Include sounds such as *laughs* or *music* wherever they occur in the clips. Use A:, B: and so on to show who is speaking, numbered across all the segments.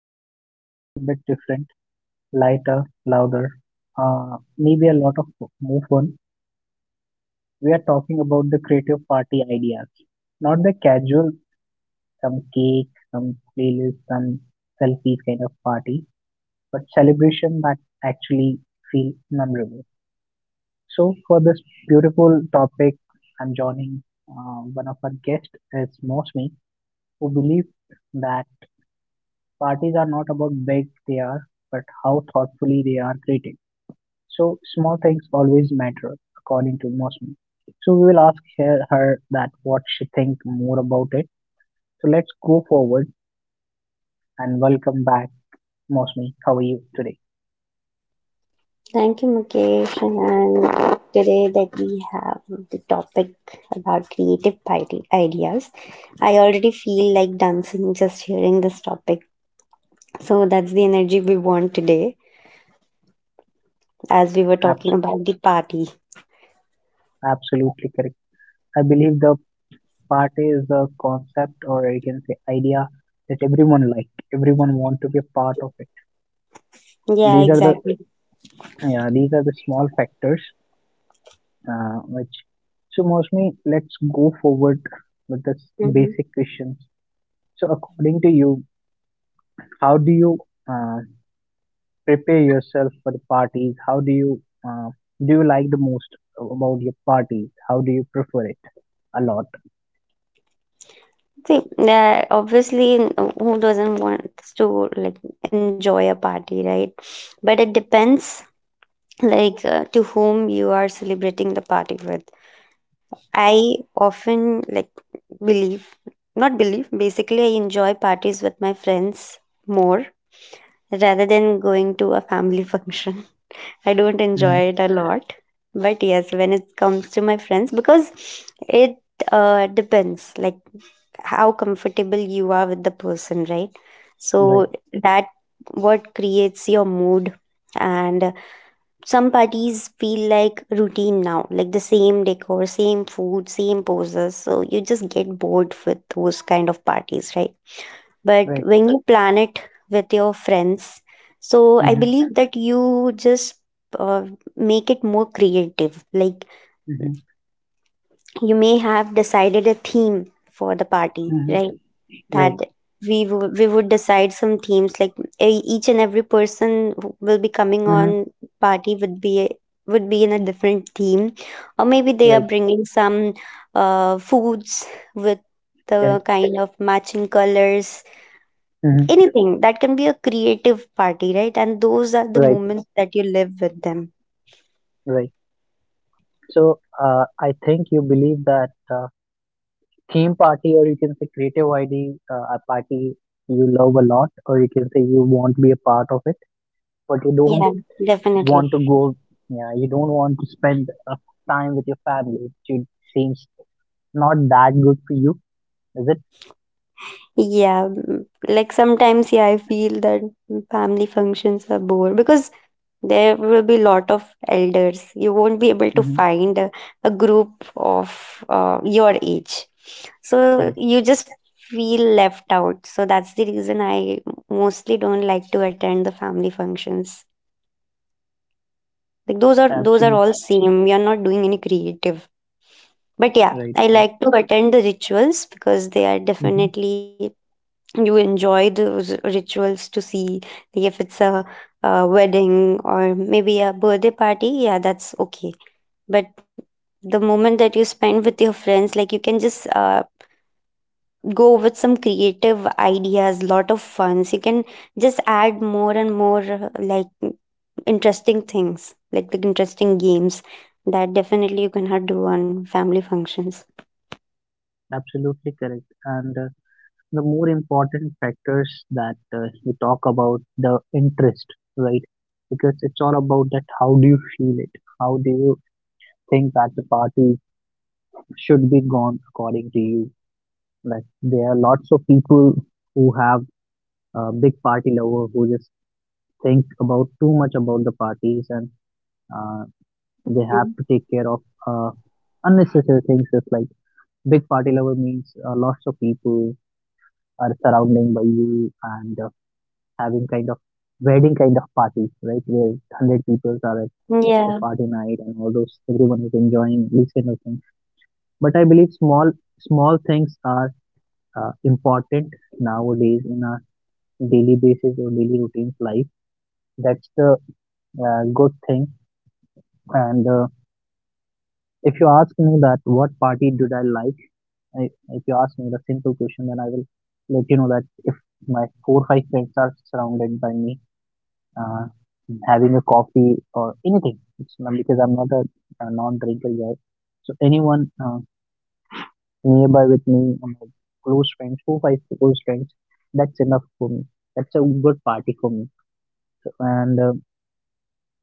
A: feel a little bit different, lighter, louder, maybe a lot of more fun. We are talking about the creative party ideas, not the casual, some cake, some playlist, some selfies kind of party, but celebration that actually feel memorable. So for this beautiful topic, I'm joining one of our guests is Mosmi, who believes that parties are not about big they are, but how thoughtfully they are created. So small things always matter, according to Mosman. So we will ask her, that what she think more about it. So let's go forward and welcome back, Mosman. How are you today?
B: Thank you, Mukesh. And today that we have the topic about creative ideas, I already feel like dancing just hearing this topic. So that's the energy we want today, as we were talking
A: Abs-
B: about the party.
A: Absolutely correct. I believe the party is a concept or you can say idea that everyone like. Everyone want to be a part of it.
B: Yeah,
A: These are the,
B: exactly.
A: yeah, these are the small factors, which so mostly let's go forward with this
B: Hmm.
A: basic questions. So according to you, how do you uh, prepare yourself for the parties? How do you, uh, do you like the most about your parties? How do you prefer it a lot?
B: See, obviously, who doesn't want to like enjoy a party, right? But it depends, like to whom you are celebrating the party with. I often like Believe, not believe, basically, I enjoy parties with my friends more rather than going to a family *laughs* function. I don't enjoy
A: Hmm.
B: it a lot. But yes, when it comes to my friends, because it depends, like how comfortable you are with the person, right?
A: Right,
B: So that what creates your mood, and some parties feel like routine now, like the same decor, same food, same poses. So you just get bored with those kind of parties, right? But
A: right.
B: when you plan it with your friends, so I
A: Hmm.
B: believe that you just uh, make it more creative. Like
A: Hmm.
B: you may have decided a theme for the party,
A: Hmm.
B: right? That
A: Right.
B: we would decide some themes like each and every person who will be coming
A: Hmm.
B: on party would be in a different theme, or maybe they are
A: Right.
B: bringing some foods with the
A: Correct.
B: kind of matching colors,
A: Hmm.
B: anything that can be a creative party, right? And those are the
A: Right,
B: moments that you live with them.
A: right. So I think you believe that uh, theme party, or you can say creative idea, a party you love a lot, or you can say you want to be a part of it, but you don't
B: Yeah, definitely.
A: want to go. Yeah, you don't want to spend time with your family, it seems not that good for you, is it?
B: Yeah, like sometimes, yeah, I feel that family functions are bored because there will be lot of elders. You won't be able to
A: Hmm.
B: find a group of your age, so
A: Correct.
B: you just feel left out. So that's the reason I mostly don't like to attend the family functions. Like those are
A: Absolutely
B: all same. We are not doing any creative. But yeah,
A: right.
B: I
A: Right.
B: like to attend the rituals because they are
A: Mm-hmm.
B: definitely, you enjoy those rituals to see, like, if it's a wedding or maybe a birthday party, yeah, that's okay. But the moment that you spend with your friends, like you can just go with some creative ideas, lot of funs. You can just add more and more, like interesting things, like the interesting games that definitely you cannot do on family functions.
A: Absolutely correct. And the more important factors that you talk about the interest, right? Because it's all about that how do you feel it, how do you think that the party should be gone according to you. Like there are lots of people who have a big party lover who just think about too much about the parties, and uh, they have
B: Mhm.
A: to take care of uh, unnecessary things. Just like big party lover means lots of people are surrounding by you, and having kind of wedding kind of parties, right, where 100 people are at the
B: Yeah.
A: party night, and all those everyone is enjoying these kind of things. But I believe small things are important nowadays in our daily basis or daily routines life. That's the good thing. And if you ask me that what party did I like, if you ask me the simple question, then I will let you know that if my four or five friends are surrounded by me, uh, having a coffee or anything, it's not because I'm not a, a non-drinker guy. So anyone nearby with me, or my close friends, 4 5 close friends, that's enough for me. That's a good party for me. And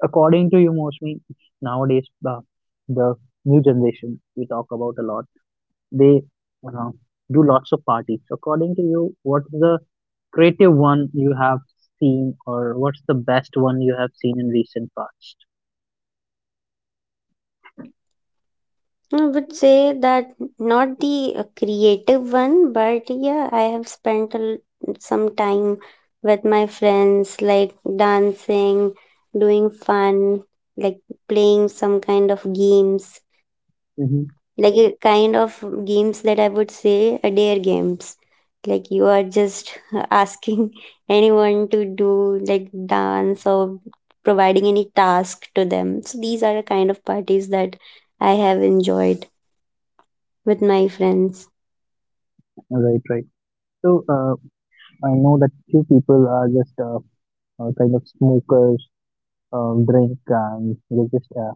A: according to you, mostly nowadays, the new generation we talk about a lot, they uh, do lots of parties. So according to you, what's the creative one you have seen, or what's the best one you have seen in recent past?
B: I would say that not the creative one, but yeah, I have spent some time with my friends, like dancing, doing fun, like playing some kind of games,
A: Hmm.
B: like a kind of games that I would say are dare games. Like you are just *laughs* asking anyone to do like dance or providing any task to them. So these are the kind of parties that I have enjoyed with my friends.
A: Right, right. So I know that few people are just kind of smokers, drink, and they just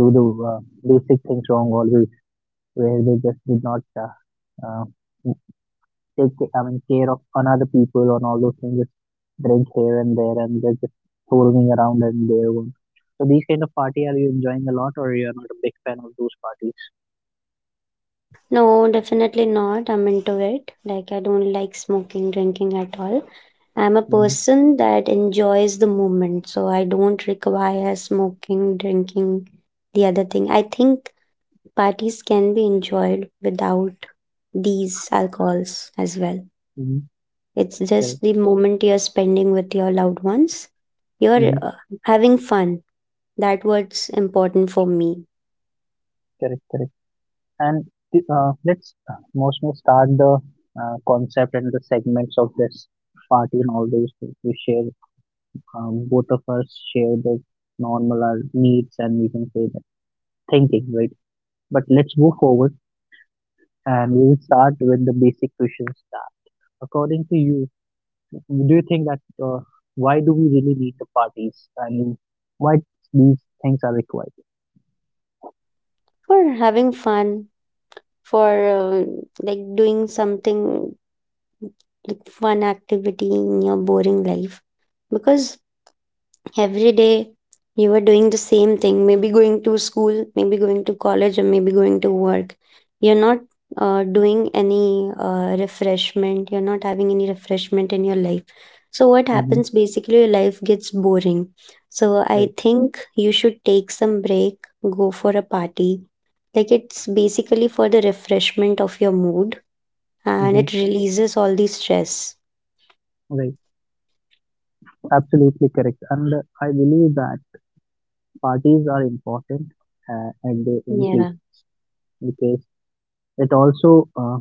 A: do the basic things wrong always, where they just did not take I mean care of another people and all those things, just drink here and there and they're just touring around and their one. So these kind of party are you enjoying a lot, or you're not a big fan of those parties?
B: No, definitely not. I'm into it. Like, I don't like smoking, drinking at all. I'm a
A: Mm-hmm.
B: person that enjoys the moment, so I don't require smoking, drinking, the other thing. I think parties can be enjoyed without these alcohols as well.
A: Mm-hmm.
B: It's
A: Correct.
B: just the moment you're spending with your loved ones. You're
A: Mm-hmm.
B: uh, having fun. That what's important for me.
A: Correct. Correct. And let's mostly start the concept and the segments of this party and all those things. We share, both of us share the normal our needs, and we can say that thinking, right? But let's move forward and we'll start with the basic questions. According to you, do you think that why do we really need the parties? I mean, why these things are required?
B: For having fun, for like doing something like fun activity in your boring life, because every day you are doing the same thing, maybe going to school, maybe going to college, or maybe going to work. You're not doing any refreshment, you're not having any refreshment in your life. So what
A: Hmm.
B: happens basically, your life gets boring. So I
A: Right.
B: think you should take some break, go for a party. Like it's basically for the refreshment of your mood, and
A: Hmm.
B: it releases all the stress.
A: Right. Absolutely correct. And I believe that parties are important at their own
B: Yeah.
A: place, because it also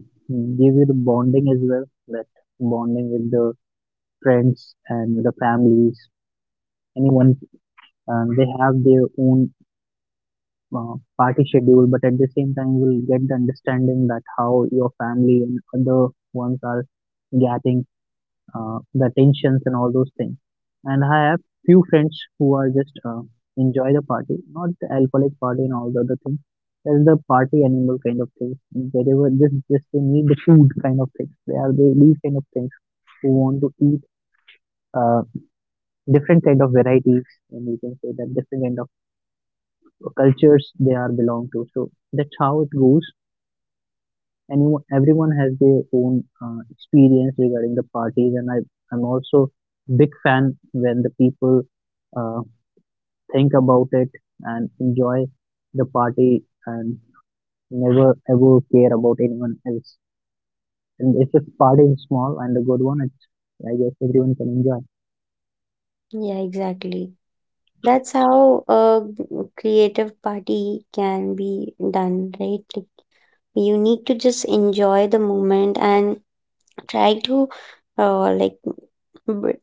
A: gives you the bonding as well. That bonding with the friends and with the families, anyone, and they have their own party schedule, but at the same time, you will get the understanding that how your family and other ones are getting the tensions and all those things. And I have few friends who are just enjoy the party, not the alcoholic party and all the other things. There's the party animal kind of things. Wherever just they need the food kind of things. These kind of things who want to eat uh, different kind of varieties, and you can say that different kind of cultures they are belong to. So that's how it goes. Anyone, everyone has their own experience regarding the parties, and I'm also big fan when the people uh, think about it and enjoy the party, and never ever care about anyone else. And if the party is small and a good one, it's I guess everyone can enjoy.
B: Yeah, exactly. That's how a creative party can be done, right? Like you need to just enjoy the moment and try to like, but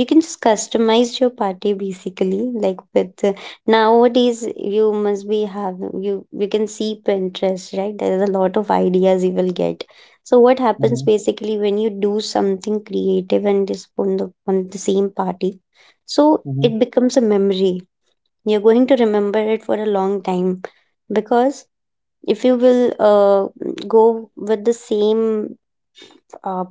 B: you can just customize your party basically, like with nowadays you must be have, you can see Pinterest, right? There's a lot of ideas you will get. So what happens
A: Hmm.
B: basically when you do something creative and just on the same party, so
A: Hmm.
B: it becomes a memory. You're going to remember it for a long time, because if you will go with the same uh,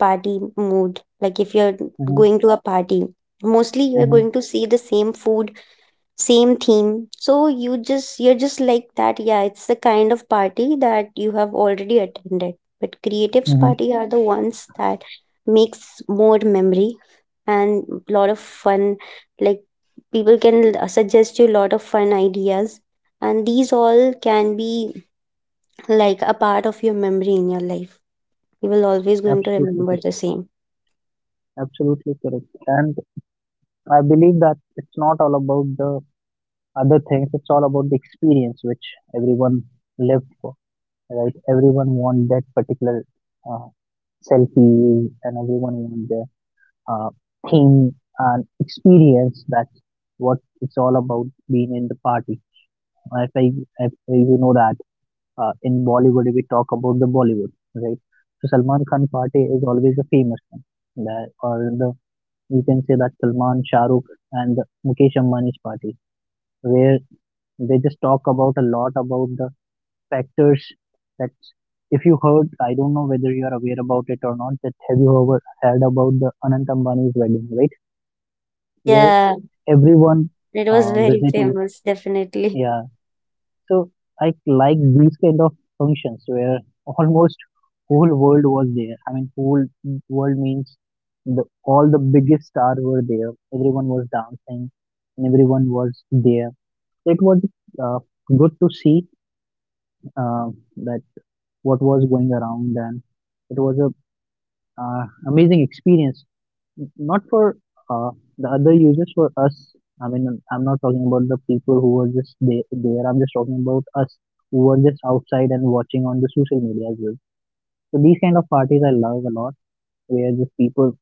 B: party mood, like if you're
A: Hmm.
B: going to a party, mostly you're
A: Hmm.
B: going to see the same food, same theme. So you just, you're just like that, yeah, it's the kind of party that you have already attended. But creatives
A: Hmm.
B: party are the ones that makes more memory, and lot of fun. Like people can suggest you a lot of fun ideas, and these all can be like a part of your memory in your life. You will always going to
A: Absolutely
B: remember
A: correct.
B: the same.
A: Absolutely correct. And I believe that it's not all about the other things, it's all about the experience which everyone lived for. Right, everyone want that particular uh, selfie, and everyone want their uh, theme and experience. That's what it's all about, being in the party. If i if you know that, in Bollywood we talk about the Bollywood, right? So Salman Khan party is always a famous one, that, or the you can say that Salman, Shahrukh, and the Mukesh Ambani's party, where they just talk about a lot about the factors, that if you heard, I don't know whether you are aware about it or not, that have you ever heard about the Anant Ambani's wedding, right? Where
B: Yeah,
A: everyone,
B: it was very
A: visitors,
B: famous definitely.
A: yeah. So I like these kind of functions where almost whole world was there. I mean, whole world means the all the biggest stars were there. Everyone was dancing, and everyone was there. So it was uh, good to see uh, that what was going around, and it was a, amazing experience. Not for uh, the other users, for us. I mean, I'm not talking about the people who were just there, I'm just talking about us who were just outside and watching on the social media as well. So these kind of parties I love a lot, where just people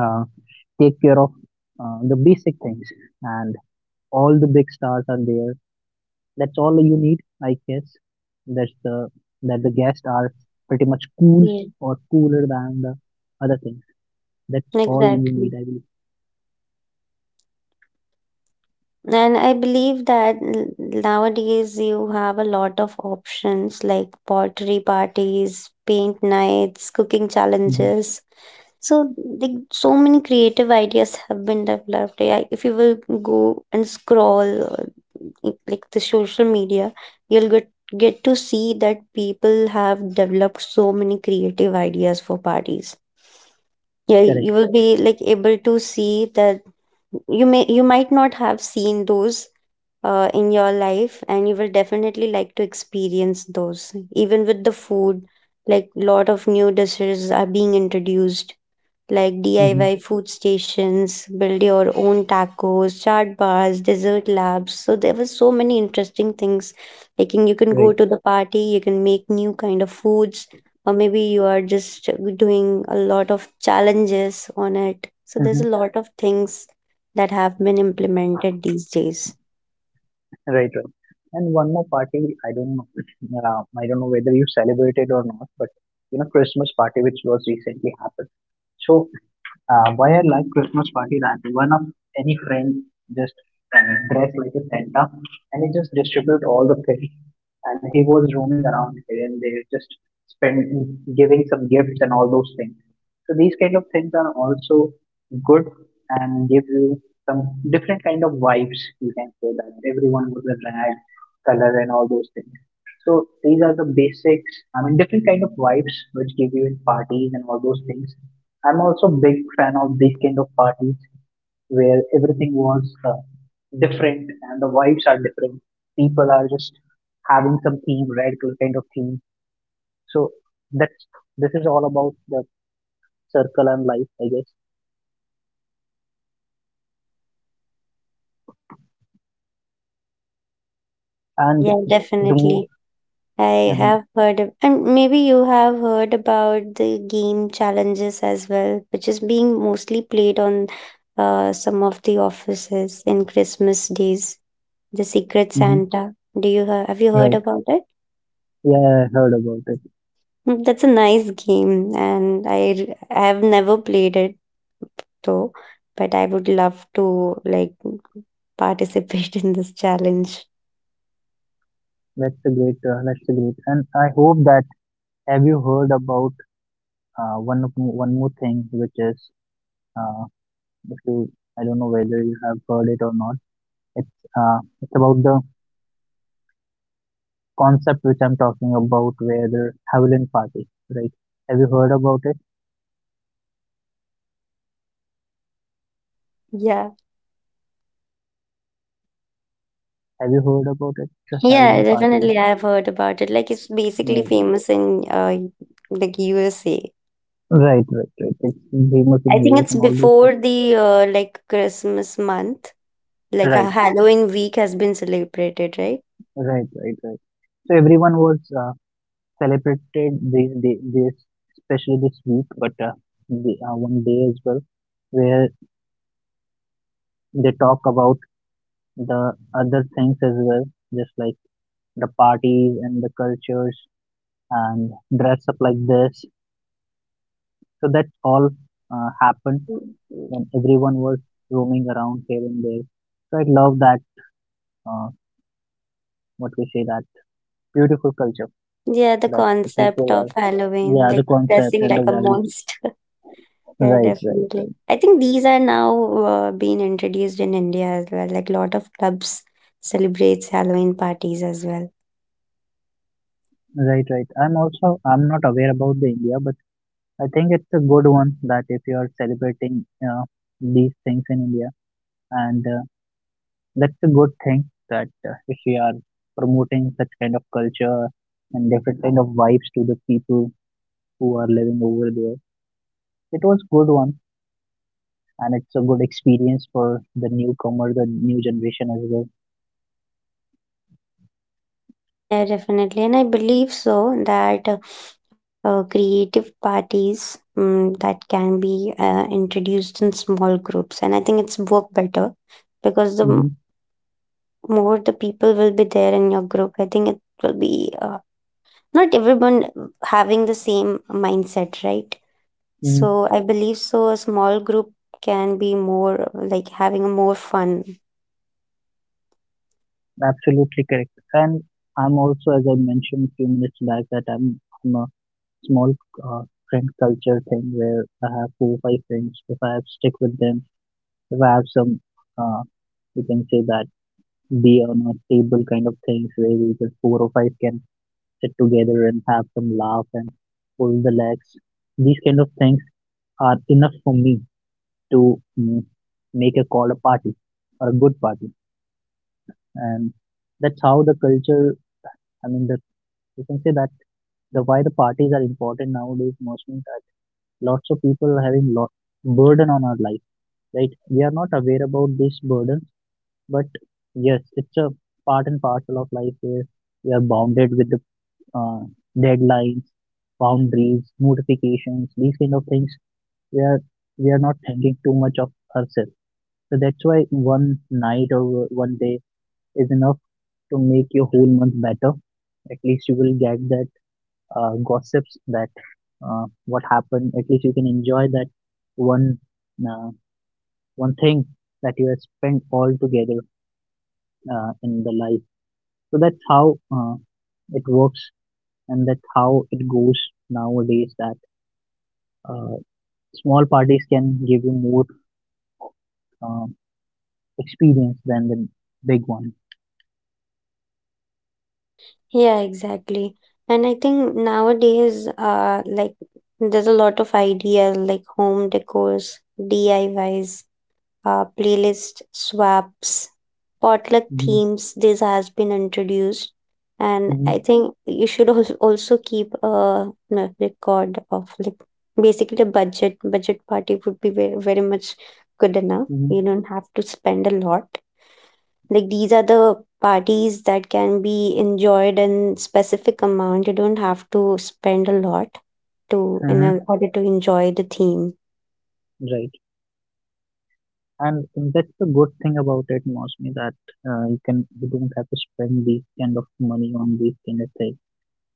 A: uh, take care of the basic things, and all the big stars are there. That's all you need, I guess. That's the that the guests are pretty much cool
B: Yeah.
A: or cooler than the other things.
B: *laughs*
A: That's all you need,
B: Exactly.
A: I believe.
B: And I believe that nowadays you have a lot of options like pottery parties, paint nights, cooking
A: Hmm.
B: challenges. So, like, so many creative ideas have been developed. Yeah, if you will go and scroll like the social media, you'll get to see that people have developed so many creative ideas for parties. Yeah,
A: Correct.
B: you will be like able to see that you may, you might not have seen those in your life, and you will definitely like to experience those. Even with the food, like lot of new dishes are being introduced, like
A: Hmm.
B: DIY food stations, build your own tacos, chart bars, dessert labs. So there were so many interesting things. Like you can go
A: Right.
B: to the party, you can make new kind of foods, or maybe you are just doing a lot of challenges on it. So there's a
A: Hmm.
B: lot of things that have been implemented these days.
A: Right. Right. And one more party, I don't know. *clears throat* I don't know whether you celebrated or not, but you know, Christmas party which was recently happened. So why I like Christmas party, that one of any friend just uh, dressed like a Santa, and he just distribute all the things, and he was roaming around here and there, just spend giving some gifts and all those things. So these kind of things are also good, and give you some different kind of vibes. You can say that everyone with a rag color and all those things. So these are the basics. I mean, different kind of vibes which give you in parties and all those things. I'm also big fan of these kind of parties, where everything was different, and the vibes are different. People are just having some theme, red kind of theme. So that's, this is all about the circle and life, I guess. And
B: Yeah,
A: the more,
B: definitely. I
A: hmm,
B: have heard of, and maybe you have heard about the game challenges as well, which is being mostly played on some of the offices in Christmas days. The Secret
A: hmm.
B: Santa. Do you have you heard
A: Right.
B: about it?
A: Yeah, I heard about it.
B: Mm, that's a nice game, and I have never played it though, but I would love to like *laughs* participate in this challenge.
A: That's a great. That's a great. And I hope that, have you heard about one more thing, which is uh, if you I don't know whether you have heard it or not. It's it's about the concept which I'm talking about, where the Halloween party, right? Have you heard about it?
B: Yeah.
A: Have you heard about it? The Halloween
B: Yeah,
A: party.
B: definitely. I've heard about it. Like it's basically
A: Yes.
B: famous in like USA.
A: Right, right, right. It's famous in
B: I think
A: US
B: it's
A: and all these things.
B: before the like Christmas month. Like a
A: Right,
B: Halloween week has been celebrated, right?
A: right, right, right. So everyone was celebrated this day, this especially this week, but 1 day as well, where they talk about the other things as well, just like the parties and the cultures, and dress up like this. So that's all happened
B: Mm.
A: when everyone was roaming around here and there. So I love that, uh, what we say, that beautiful culture,
B: Yeah, the
A: that the
B: concept
A: people are,
B: of Halloween,
A: yeah, the
B: like
A: concept
B: dressing
A: and the
B: like a
A: vibe.
B: monster. *laughs* Yeah,
A: Right, right,
B: definitely.
A: right.
B: I think these are now being introduced in India as well. Like a lot of clubs celebrates Halloween parties as well.
A: Right, right. I'm not aware about the India, but I think it's a good one that if you are celebrating these things in India, and that's a good thing that if we are promoting such kind of culture and different kind of vibes to the people who are living over there. It was good one, and it's a good experience for the newcomer, the new generation as well.
B: Yeah, definitely. And I believe so that creative parties that can be introduced in small groups. And I think it's work better, because the
A: Hmm
B: m- more the people will be there in your group, I think it will be not everyone having the same mindset, right?
A: hmm
B: So I believe so. A small group can be more like having a more fun.
A: Absolutely correct. And As I mentioned a few minutes back, that I'm a small uh, friend culture thing where I have four or five friends. If I have stick with them, if I have uh, you can say that be on a table kind of things where we just four or five can sit together and have some laugh and pull the legs. These kind of things are enough for me to make a call, a party or a good party, and that's how the culture, I mean that you can say that the why the parties are important nowadays, mostly that lots of people are having lot burden on our life, right? We are not aware about this burden, but yes, it's a part and parcel of life where we are bounded with the uh, deadlines, boundaries, notifications, these kind of things. We are we are not thinking too much of ourselves. So that's why one night or one day is enough to make your whole month better. At least you will get that gossips that what happened. At least you can enjoy that one uh, one thing that you have spent all together in the life. So that's how it works, and that's how it goes nowadays. That uh, small parties can give you more um experience than the big one.
B: Yeah, exactly. And I think nowadays, like there's a lot of ideas like home decors, DIYs, playlist swaps, potluck
A: Hmm
B: themes. This has been introduced, and
A: hmm
B: I think you should also keep record of like basically a budget. Budget party would be very very much good enough.
A: hmm
B: You don't have to spend a lot. Like these are the parties that can be enjoyed in specific amount. You don't have to spend a lot to
A: hmm
B: order to enjoy the theme.
A: Right. And that's the good thing about it, Mosmi, that you can, you don't have to spend these kind of money on these kind of things.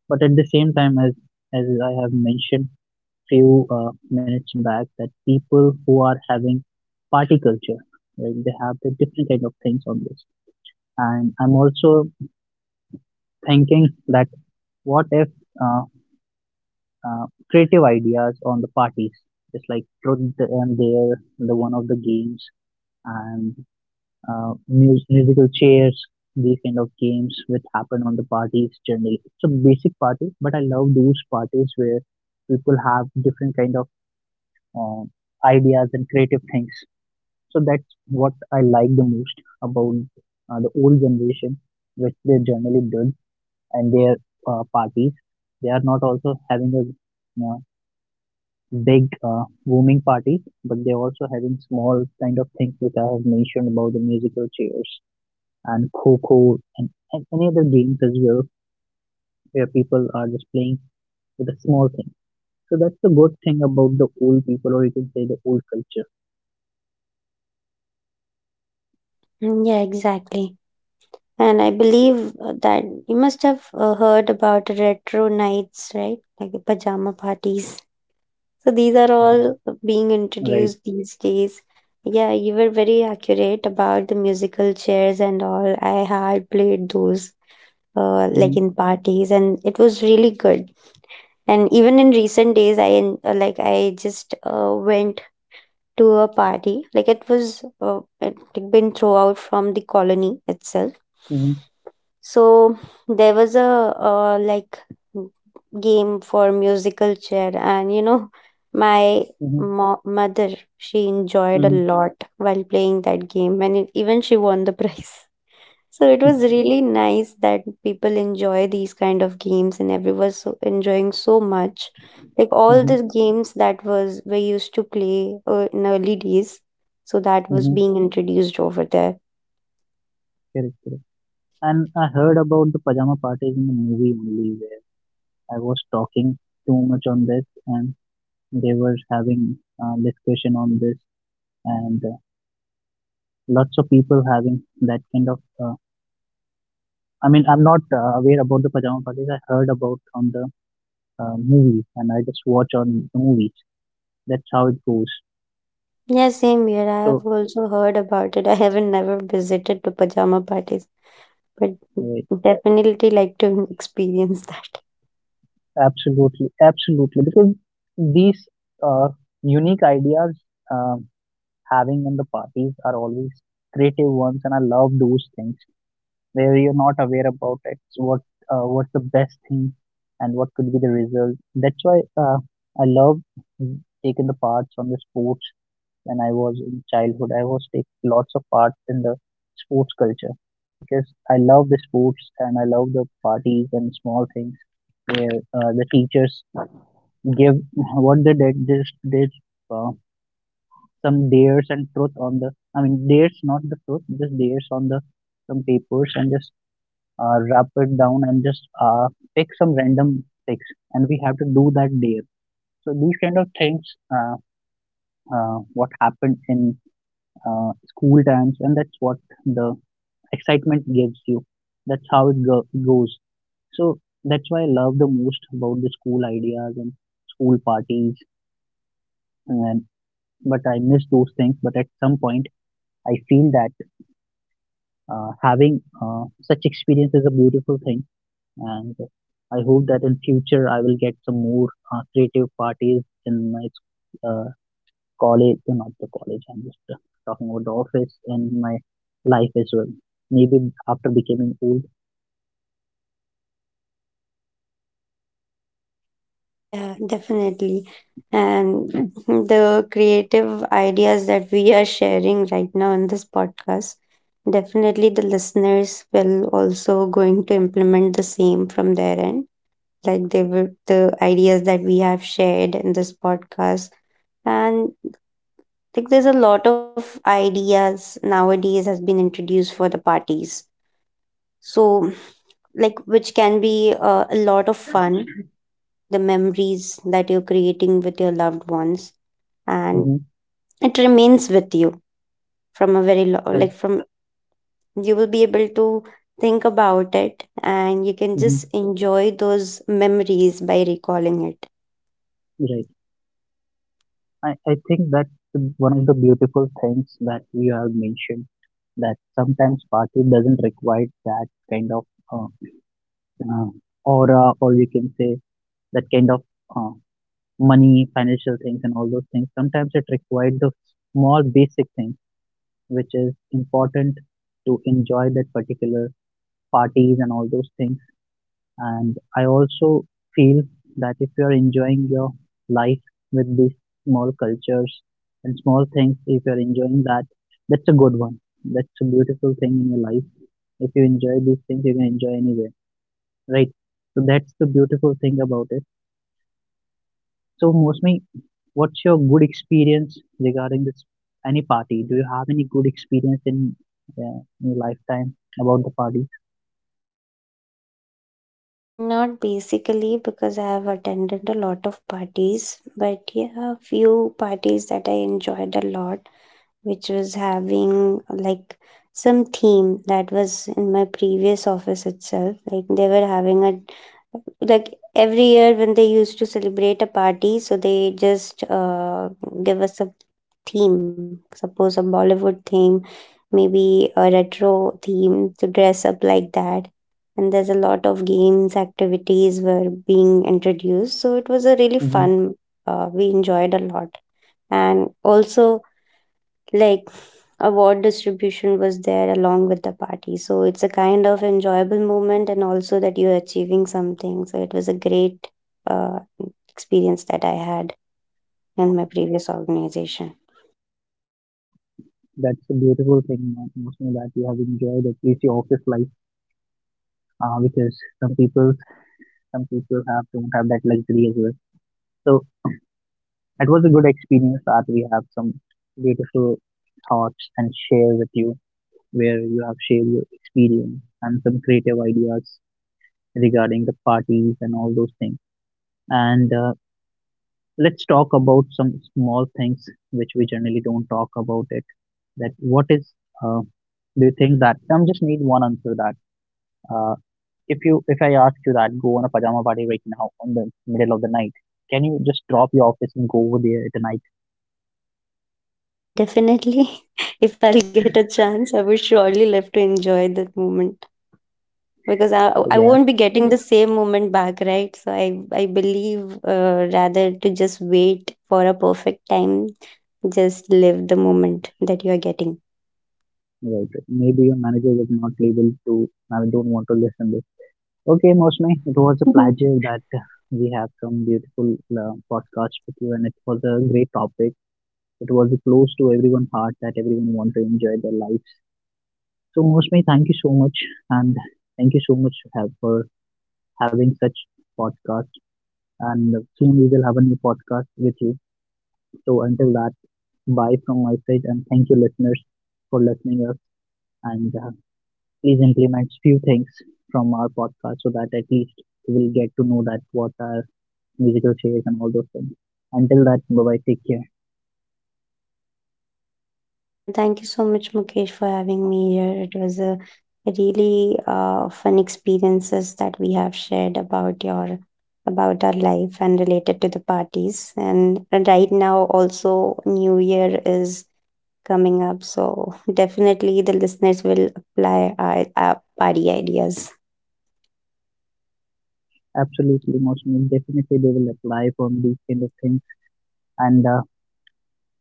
A: But at the same time, as I have mentioned few minutes back, that people who are having party culture, right, they have the different kind of things on this. And I'm also thinking that what if, uh, creative ideas on the parties, just like truth and dare, the one of the games, and musical chairs, these kind of games which happen on the parties generally. It's a basic party, but I love those parties where people have different kind of uh, ideas and creative things. So that's what I like the most about the old generation, which they generally did, and their parties. They are not also having a, you know, big booming parties, but they're also having small kind of things which I have mentioned about the musical chairs and Coco, and any other games as well where people are just playing with a small thing. So that's the good thing about the old people, or you can say the old culture,
B: Mm, yeah, exactly. And I believe that you must have heard about retro nights, right? Like the pajama parties. So these are
A: uh,
B: all being
A: right?
B: introduced these days. Yeah, you were very accurate about the musical chairs and all. I had played those like
A: Mm-hmm,
B: in parties, and it was really good. And even in recent days, like I just went to a party. Like it was it had been throughout from the colony itself,
A: mm-hmm,
B: so there was a like game for musical chair, and you know my
A: mm-hmm,
B: mother, she enjoyed a
A: mm-hmm,
B: lot while playing that game, and it, even she won the *laughs* prize. So it was really nice that people enjoy these kind of games and everyone so enjoying so much. Like all
A: mm-hmm,
B: the games that was we used to play in early days, so that was
A: mm-hmm.
B: being introduced over there.
A: Correct, correct. And I heard about the pajama parties in the movie only, where I was talking too much on this, and they were having discussion on this, and lots of people having that kind of. I mean, I'm not aware about the pajama parties. I heard about on the movies and I just watch on the movies. That's how it goes.
B: Yeah, same here. I have
A: So
B: also heard about it. *laughs* I haven't never visited the pajama parties, but
A: uh,
B: definitely like to *laughs* experience that.
A: absolutely, absolutely, because these uh, unique ideas um having in the parties are always creative ones, and I love those things where you're not aware about it. So what, what's the best thing, and what could be the result? That's why I love taking the parts on the sports when I was in childhood. I was taking lots of part in the sports culture because I love the sports and I love the parties and small things where the teachers give what they did. This did uh, some dares and truth on the. I mean dares, not the truth. Just dares on the some papers and just wrap it down and just pick some random picks and we have to do that dare. So these kind of things. Uh, what happened in school times, and that's what the excitement gives you. That's how it goes. So that's why I love the most about the school ideas and school parties. And but I miss those things. But at some point, I feel that having such experience is a beautiful thing, and I hope that in future I will get some more creative parties in my uh, college, not the college, I'm just talking about the office and my life as well. Maybe after becoming old.
B: Yeah, definitely. And the creative ideas that we are sharing right now in this podcast, definitely the listeners will also going to implement the same from their end. Like they will, the ideas that we have shared in this podcast. And like there's a lot of ideas nowadays has been introduced for the parties. So like which can be a lot of fun, the memories that you're creating with your loved ones, and
A: Mm-hmm.
B: it remains with you from a very like
A: Correct.
B: from you will be able to think about it, and you can
A: Hmm
B: just enjoy those memories by recalling it.
A: Right. I think that's the- one of the beautiful things that you have mentioned that sometimes party doesn't require that kind of uh, uh, aura or you can say that kind of uh, money, financial things and all those things. Sometimes it requires the small basic things which is important to enjoy that particular parties and all those things. And I also feel that if you are enjoying your life with these small cultures and small things, if you're enjoying that, that's a good one. That's a beautiful thing in your life. If you enjoy these things, you can enjoy anywhere, right? So that's the beautiful thing about it. So, mostly, what's your good experience regarding this? Any party? Do you have any good experience in your lifetime about the parties?
B: Mm, not basically, because I have attended a lot of parties, but yeah, a few parties that I enjoyed a lot, which was having like some theme, that was in my previous office itself. Like they were having a, like every year when they used to celebrate a party, so they just give us a theme. Suppose a Bollywood theme, maybe a retro theme to dress up like that. And there's a lot of games activities were being introduced, so it was a really fun. We enjoyed a lot, and also like award distribution was there along with the party. So it's a kind of enjoyable moment, and also that you're achieving something, so it was a great uh, experience that I had in my previous organization.
A: That's a beautiful thing, you know, mostly that you have enjoyed at least your office life, because some people, some people have don't have that luxury as well. So that was a good experience that we have some beautiful thoughts and share with you, where you have shared your experience and some creative ideas regarding the parties and all those things. And let's talk about some small things which we generally don't talk about it. That what is, uh, do you think that? I am just need one answer that. Uh, If you, if I ask you that, go on a pajama party right now on the middle of the night, can you just drop your office and go over there at night?
B: Yeah, definitely. *laughs* If I'll get a chance, I would surely love to enjoy that moment, because I
A: Oh, yeah,
B: won't be getting the same moment back, right? So I believe, rather to just wait for a perfect time, just live the moment that you are getting.
A: right. Maybe your manager was not able to, I don't want to listen this. Okay, Mosme, it was a pleasure that we have some beautiful podcast with you and it was a great topic. It was close to everyone's heart that everyone want to enjoy their lives. So, Mosme, thank you so much, and thank you so much have, for having such podcast, and soon we will have a new podcast with you. So until that, bye from my side, and thank you listeners for listening us, and please implement few things from our podcast so that at least you will get to know that what are musical chairs and all those things. Until that, bye bye, take care.
B: Yeah, thank you so much, Mukesh, for having me here. It was a really fun experiences that we have shared about your, about our life and related to the parties. And right now, also New Year is coming up, so *laughs* definitely the listeners will apply our party ideas.
A: Absolutely, most definitely they will apply from these kind of things, and uh,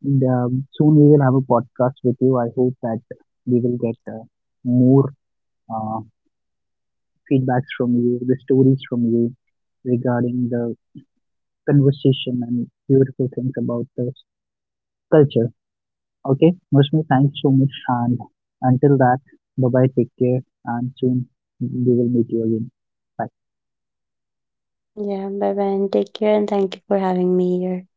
A: and soon we will have a podcast with you. I hope that we will get more uh, feedbacks from you, the stories from you regarding the conversation and beautiful things about this culture. Okay, Mushmi, thanks so much. And until that, bye bye, take care, and soon we will meet you again. Bye.
B: Yeah, bye bye, and take care, and thank you for having me here.